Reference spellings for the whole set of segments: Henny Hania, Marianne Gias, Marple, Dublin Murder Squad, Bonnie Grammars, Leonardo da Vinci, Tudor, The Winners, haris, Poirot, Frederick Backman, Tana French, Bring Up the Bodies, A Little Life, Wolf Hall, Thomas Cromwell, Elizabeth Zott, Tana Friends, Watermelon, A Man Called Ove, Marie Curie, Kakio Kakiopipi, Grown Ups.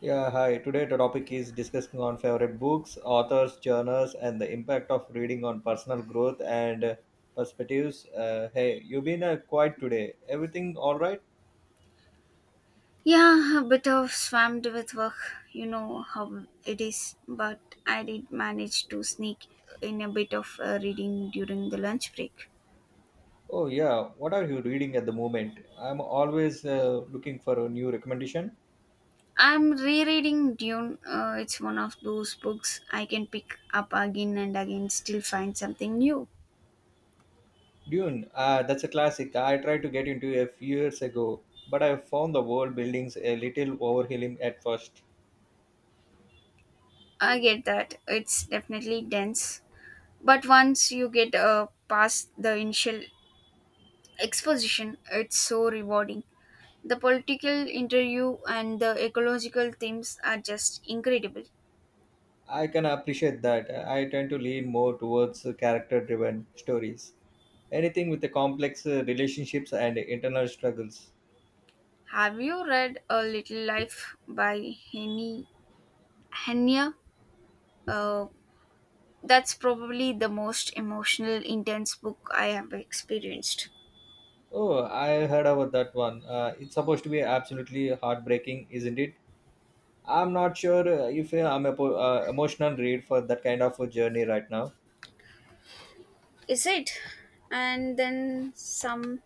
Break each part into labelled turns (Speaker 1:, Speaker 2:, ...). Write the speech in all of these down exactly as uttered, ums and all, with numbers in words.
Speaker 1: Yeah, hi. Today the topic is discussing on favorite books, authors, journals, and the impact of reading on personal growth and uh, perspectives. Uh, hey, you've been uh, quiet today. Everything all right?
Speaker 2: Yeah, a bit of swamped with work, you know how it is, but I did manage to sneak in a bit of uh, reading during the lunch break.
Speaker 1: Oh yeah. What are you reading at the moment? I'm always uh, looking for a new recommendation.
Speaker 2: I'm rereading Dune. Uh, it's one of those books I can pick up again and again, still find something new.
Speaker 1: Dune. Ah, that's a classic. I tried to get into a few years ago, but I found the world buildings a little overwhelming at first.
Speaker 2: I get that. It's definitely dense. But once you get uh, past the initial exposition, it's so rewarding. The political interview and the ecological themes are just incredible.
Speaker 1: I can appreciate that. I tend to lean more towards character driven stories. Anything with the complex uh, relationships and internal struggles.
Speaker 2: Have you read A Little Life by Henny Hania? Uh, that's probably the most emotional, intense book I have experienced.
Speaker 1: Oh, I heard about that one. Uh, it's supposed to be absolutely heartbreaking, isn't it? I'm not sure uh, if uh, I'm a po- uh, emotional read for that kind of a journey right now.
Speaker 2: Is it? And then some,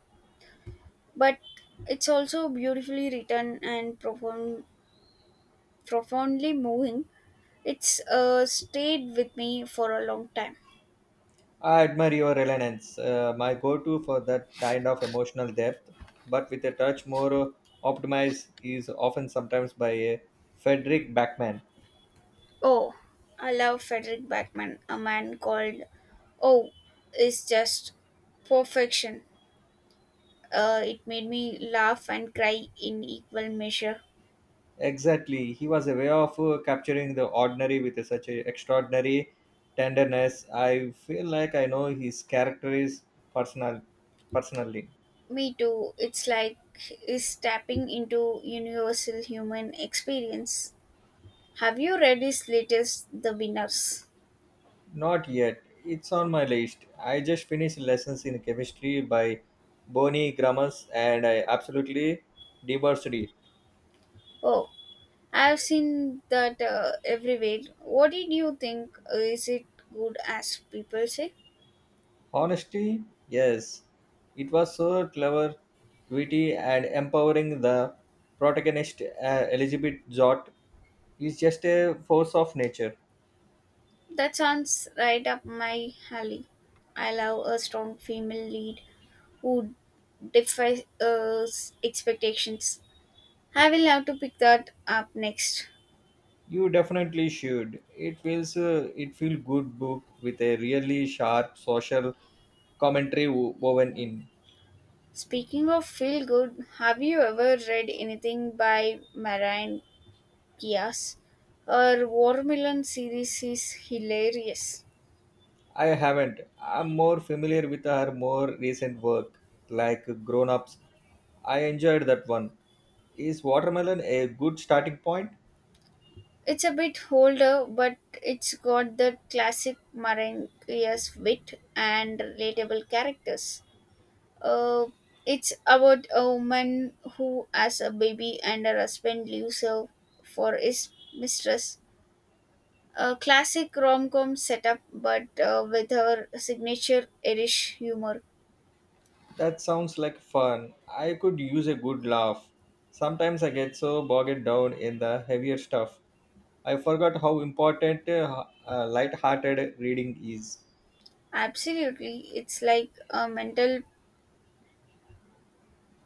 Speaker 2: but it's also beautifully written and profound, profoundly moving. It's uh, stayed with me for a long time.
Speaker 1: I admire your relevance. Uh, my go-to for that kind of emotional depth, but with a touch more uh, optimized, is often sometimes by uh, Frederick Backman.
Speaker 2: Oh, I love Frederick Backman. A man called Oh is just perfection. Uh, it made me laugh and cry in equal measure.
Speaker 1: Exactly, he was a way of uh, capturing the ordinary with such a extraordinary tenderness. I feel like I know his character is personal, personally.
Speaker 2: Me too. It's like is tapping into universal human experience. Have you read his latest, The Winners?
Speaker 1: Not yet. It's on my list. I just finished lessons in chemistry by Bonnie Grammars, and I absolutely devoured it.
Speaker 2: Oh, I've seen that uh, everywhere. What did you think? Is it good as people say?
Speaker 1: Honestly, yes, it was so clever, witty, and empowering. The protagonist, uh, Elizabeth Zott, is just a force of nature.
Speaker 2: That sounds right up my alley. I love a strong female lead who defies uh, expectations. I will have to pick that up next.
Speaker 1: You definitely should. It feels uh, it feel good book with a really sharp social commentary wo- woven in.
Speaker 2: Speaking of feel good, have you ever read anything by Marianne Gias? Her Watermelon series is hilarious.
Speaker 1: I haven't. I'm more familiar with her more recent work, like Grown Ups. I enjoyed that one. Is Watermelon a good starting point?
Speaker 2: It's a bit older, but it's got the classic Marianne Gias wit and relatable characters. Uh, it's about a woman who has a baby and her husband leaves her for his mistress. A classic rom com setup, but uh, with her signature Irish humor.
Speaker 1: That sounds like fun. I could use a good laugh. Sometimes I get so bogged down in the heavier stuff. I forgot how important uh, h- uh, light-hearted reading is.
Speaker 2: Absolutely, it's like a mental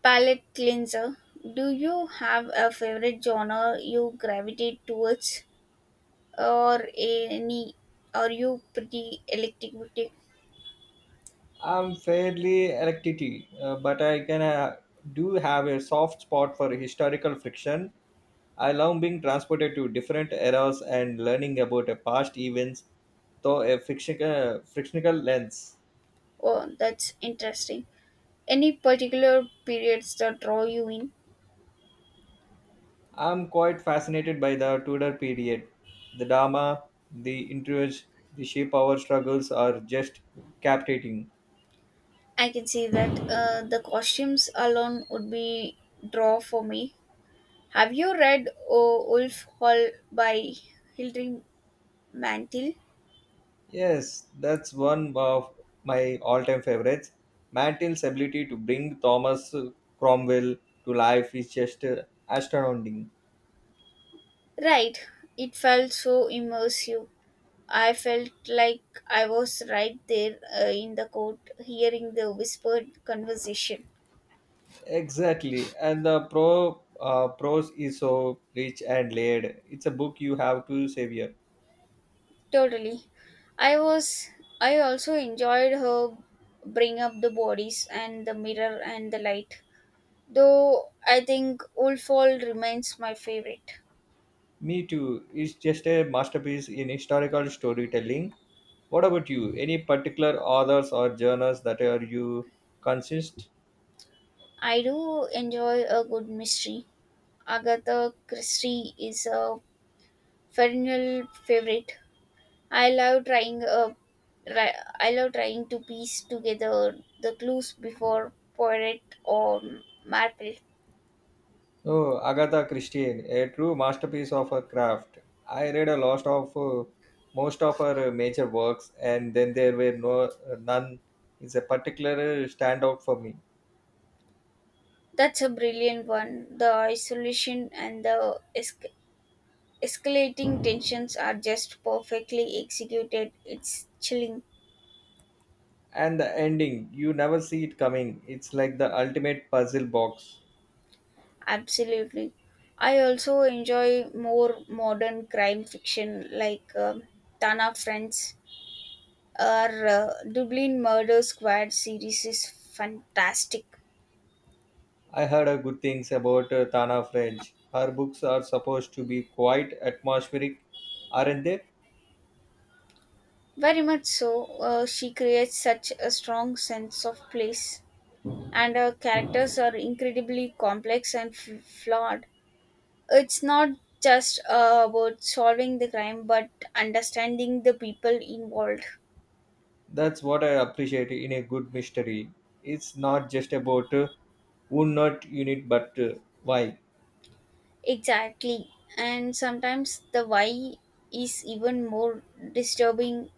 Speaker 2: palate cleanser. Do you have a favorite genre you gravitate towards, or any? Are you pretty eclectic?
Speaker 1: I'm fairly electricity, uh, but I can uh, do have a soft spot for historical friction. I love being transported to different eras and learning about a past events through a frictional, frictional lens.
Speaker 2: Oh, that's interesting. Any particular periods that draw you in?
Speaker 1: I'm quite fascinated by the Tudor period. The drama, the intrigues, the sheer power struggles are just captivating.
Speaker 2: I can say that uh, the costumes alone would be draw for me. Have you read O Wolf Hall by Hildring Mantel?
Speaker 1: Yes, that's one of my all-time favorites. Mantil's ability to bring Thomas Cromwell to life is just uh, astounding.
Speaker 2: Right, it felt so immersive. I felt like I was right there uh, in the court hearing the whispered conversation.
Speaker 1: Exactly, and the pro uh, prose is so rich and layered. It's a book you have to savor.
Speaker 2: Totally. I was I also enjoyed her bring up the bodies and the mirror and the light. Though I think Wolfall remains my favorite.
Speaker 1: Me too. It's just a masterpiece in historical storytelling. What about you? Any particular authors or journals that are you consist?
Speaker 2: I do enjoy a good mystery. Agatha Christie is a perennial favorite. I love trying a ri- I love trying to piece together the clues before Poirot or Marple.
Speaker 1: Oh, Agatha Christie, a true masterpiece of her craft. I read a lot of uh, most of her uh, major works, and then there were no uh, none is a particular standout for me.
Speaker 2: That's a brilliant one. The isolation and the esca- escalating tensions are just perfectly executed. It's chilling.
Speaker 1: And the ending, you never see it coming. It's like the ultimate puzzle box.
Speaker 2: Absolutely. I also enjoy more modern crime fiction like um Tana Friends or uh, Dublin Murder Squad series is fantastic.
Speaker 1: I heard uh, good things about uh, Tana French. Her books are supposed to be quite atmospheric, aren't they?
Speaker 2: Very much so. Uh, she creates such a strong sense of place, and her characters are incredibly complex and f- flawed. It's not just uh, about solving the crime but understanding the people involved.
Speaker 1: That's what I appreciate in a good mystery. It's not just about uh, who not unit but uh, why.
Speaker 2: Exactly. And sometimes the why is even more disturbing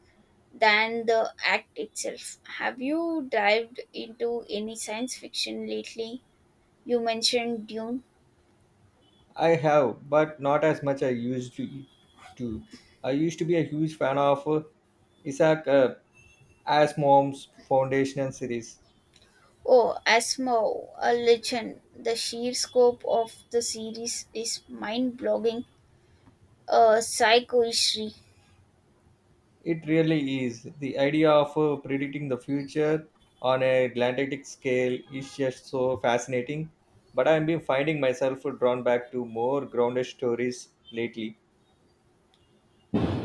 Speaker 2: than the act itself. Have you dived into any science fiction lately? You mentioned Dune.
Speaker 1: I have, but not as much I used to. to. I used to be a huge fan of uh, Isaac uh, Asimov's foundational series.
Speaker 2: Oh, Asmo, a legend. The sheer scope of the series is mind blogging. Uh, psychohistory.
Speaker 1: It really is. The idea of uh, predicting the future on a galactic scale is just so fascinating. But I've been finding myself drawn back to more grounded stories lately.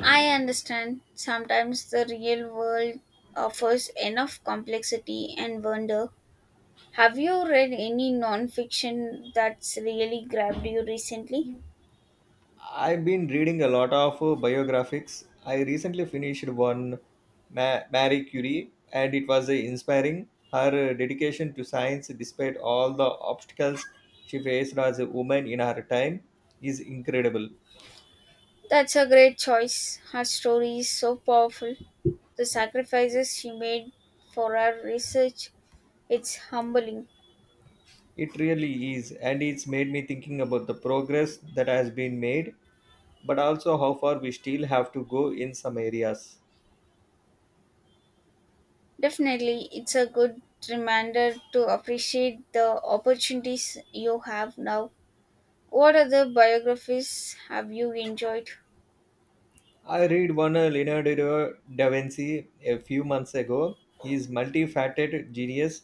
Speaker 2: I understand sometimes the real world offers enough complexity and wonder. Have you read any nonfiction that's really grabbed you recently?
Speaker 1: I've been reading a lot of uh, biographies. I recently finished one, Ma- Marie Curie, and it was uh, inspiring. Her uh, dedication to science, despite all the obstacles she faced as a woman in her time, is incredible.
Speaker 2: That's a great choice. Her story is so powerful. The sacrifices she made for her research, it's humbling.
Speaker 1: It really is, and it's made me thinking about the progress that has been made, but also how far we still have to go in some areas.
Speaker 2: Definitely, it's a good reminder to appreciate the opportunities you have now. What other biographies have you enjoyed?
Speaker 1: I read one uh, Leonardo da Vinci a few months ago. He's multifaceted genius.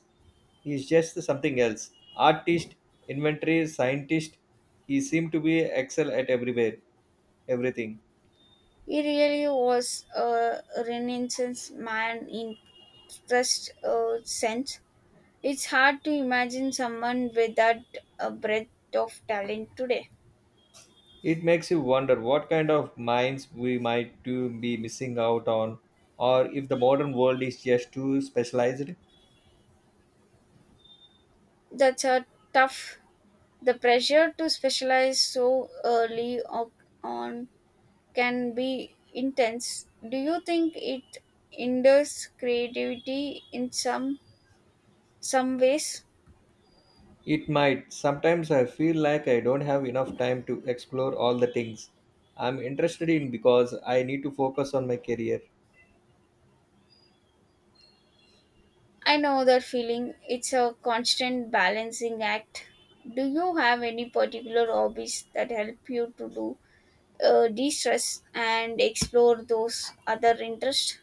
Speaker 1: He's just something else. Artist, inventory, scientist. He seemed to be excel at everywhere, everything.
Speaker 2: He really was a renaissance man in first uh, sense. It's hard to imagine someone with that uh, breadth of talent today.
Speaker 1: It makes you wonder what kind of minds we might to be missing out on, or if the modern world is just too specialized.
Speaker 2: That's a tough. The pressure to specialize so early o- on can be intense. Do you think it hinders creativity in some some ways?
Speaker 1: It might. Sometimes I feel like I don't have enough time to explore all the things I'm interested in because I need to focus on my career.
Speaker 2: I know that feeling. It's a constant balancing act. Do you have any particular hobbies that help you to do uh, de-stress and explore those other interests?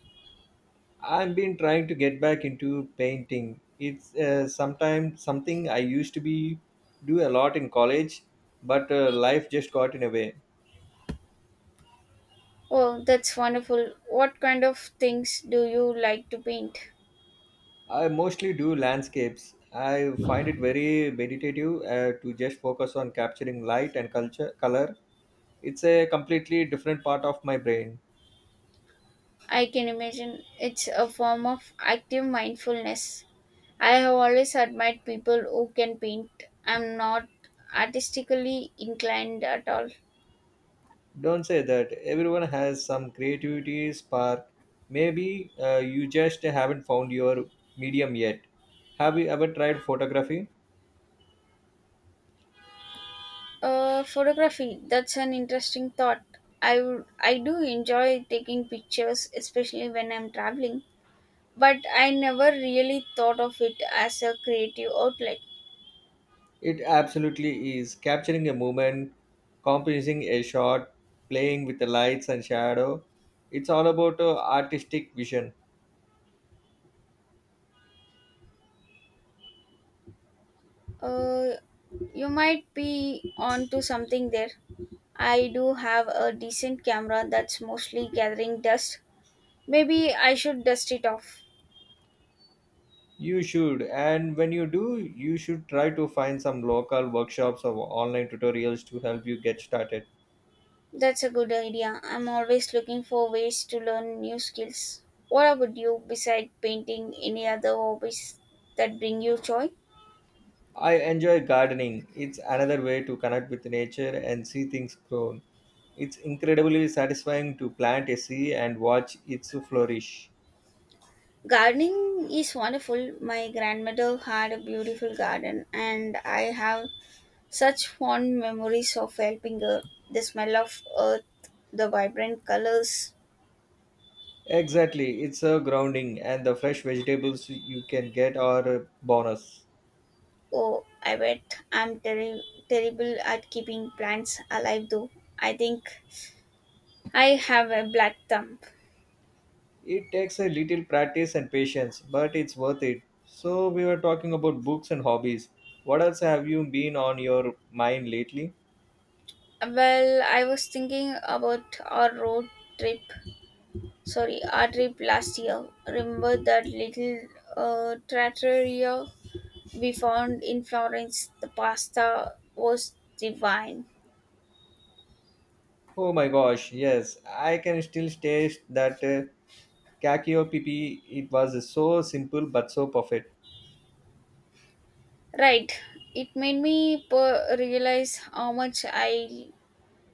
Speaker 1: I've been trying to get back into painting. It's uh, sometimes something I used to be do a lot in college, but uh, life just got in a way.
Speaker 2: Oh, that's wonderful. What kind of things do you like to paint?
Speaker 1: I mostly do landscapes. I find it very meditative uh, to just focus on capturing light and culture color. It's a completely different part of my brain.
Speaker 2: I can imagine it's a form of active mindfulness. I have always admired people who can paint. I'm not artistically inclined at all.
Speaker 1: Don't say that. Everyone has some creativity spark. Maybe uh, you just haven't found your medium yet. Have you ever tried photography?
Speaker 2: Uh, photography, that's an interesting thought. I would, I do enjoy taking pictures, especially when I'm traveling, but I never really thought of it as a creative outlet.
Speaker 1: It absolutely is. Capturing a moment, composing a shot, playing with the lights and shadow. It's all about uh, artistic vision.
Speaker 2: Uh, you might be onto something there. I do have a decent camera that's mostly gathering dust. Maybe I should dust it off.
Speaker 1: You should, and when you do, you should try to find some local workshops or online tutorials to help you get started.
Speaker 2: That's a good idea. I'm always looking for ways to learn new skills. What about you, besides painting, any other hobbies that bring you joy?
Speaker 1: I enjoy gardening. It's another way to connect with nature and see things grown. It's incredibly satisfying to plant a seed and watch it flourish.
Speaker 2: Gardening is wonderful. My grandmother had a beautiful garden, and I have such fond memories of helping her, the smell of Earth, the vibrant colors.
Speaker 1: Exactly, it's a grounding, and the fresh vegetables you can get are a bonus.
Speaker 2: Oh, I bet I'm terri terrible at keeping plants alive, though. I think I have a black thumb.
Speaker 1: It takes a little practice and patience, but it's worth it. So, we were talking about books and hobbies. What else have you been on your mind lately?
Speaker 2: Well, I was thinking about our road trip. Sorry, our trip last year. Remember that little uh, trattoria we found in Florence? The pasta was divine.
Speaker 1: Oh my gosh, yes, I can still taste that. uh, Kakio Kakiopipi, it was so simple but so perfect.
Speaker 2: Right. It made me per- realize how much I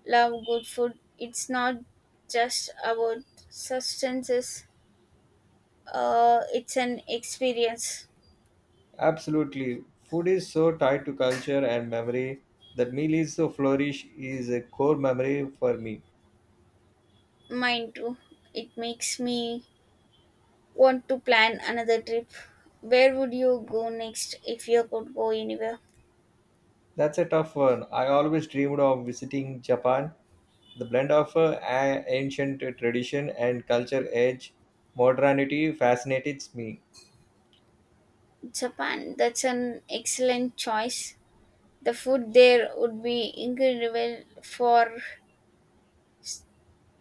Speaker 2: love good food. It's not just about substances. Uh, it's an experience.
Speaker 1: Absolutely. Food is so tied to culture and memory. That meal is so flourish is a core memory for me.
Speaker 2: Mine too. It makes me want to plan another trip. Where would you go next if you could go anywhere?
Speaker 1: That's a tough one. I always dreamed of visiting Japan. The blend of uh, a- ancient tradition and culture edge, modernity fascinates me.
Speaker 2: Japan. That's an excellent choice. The food there would be incredible for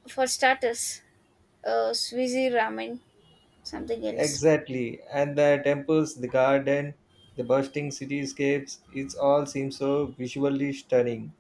Speaker 2: for starters. Uh, Swiss ramen something else
Speaker 1: Exactly. And the temples, the garden, the bursting cityscapes, it all seems so visually stunning.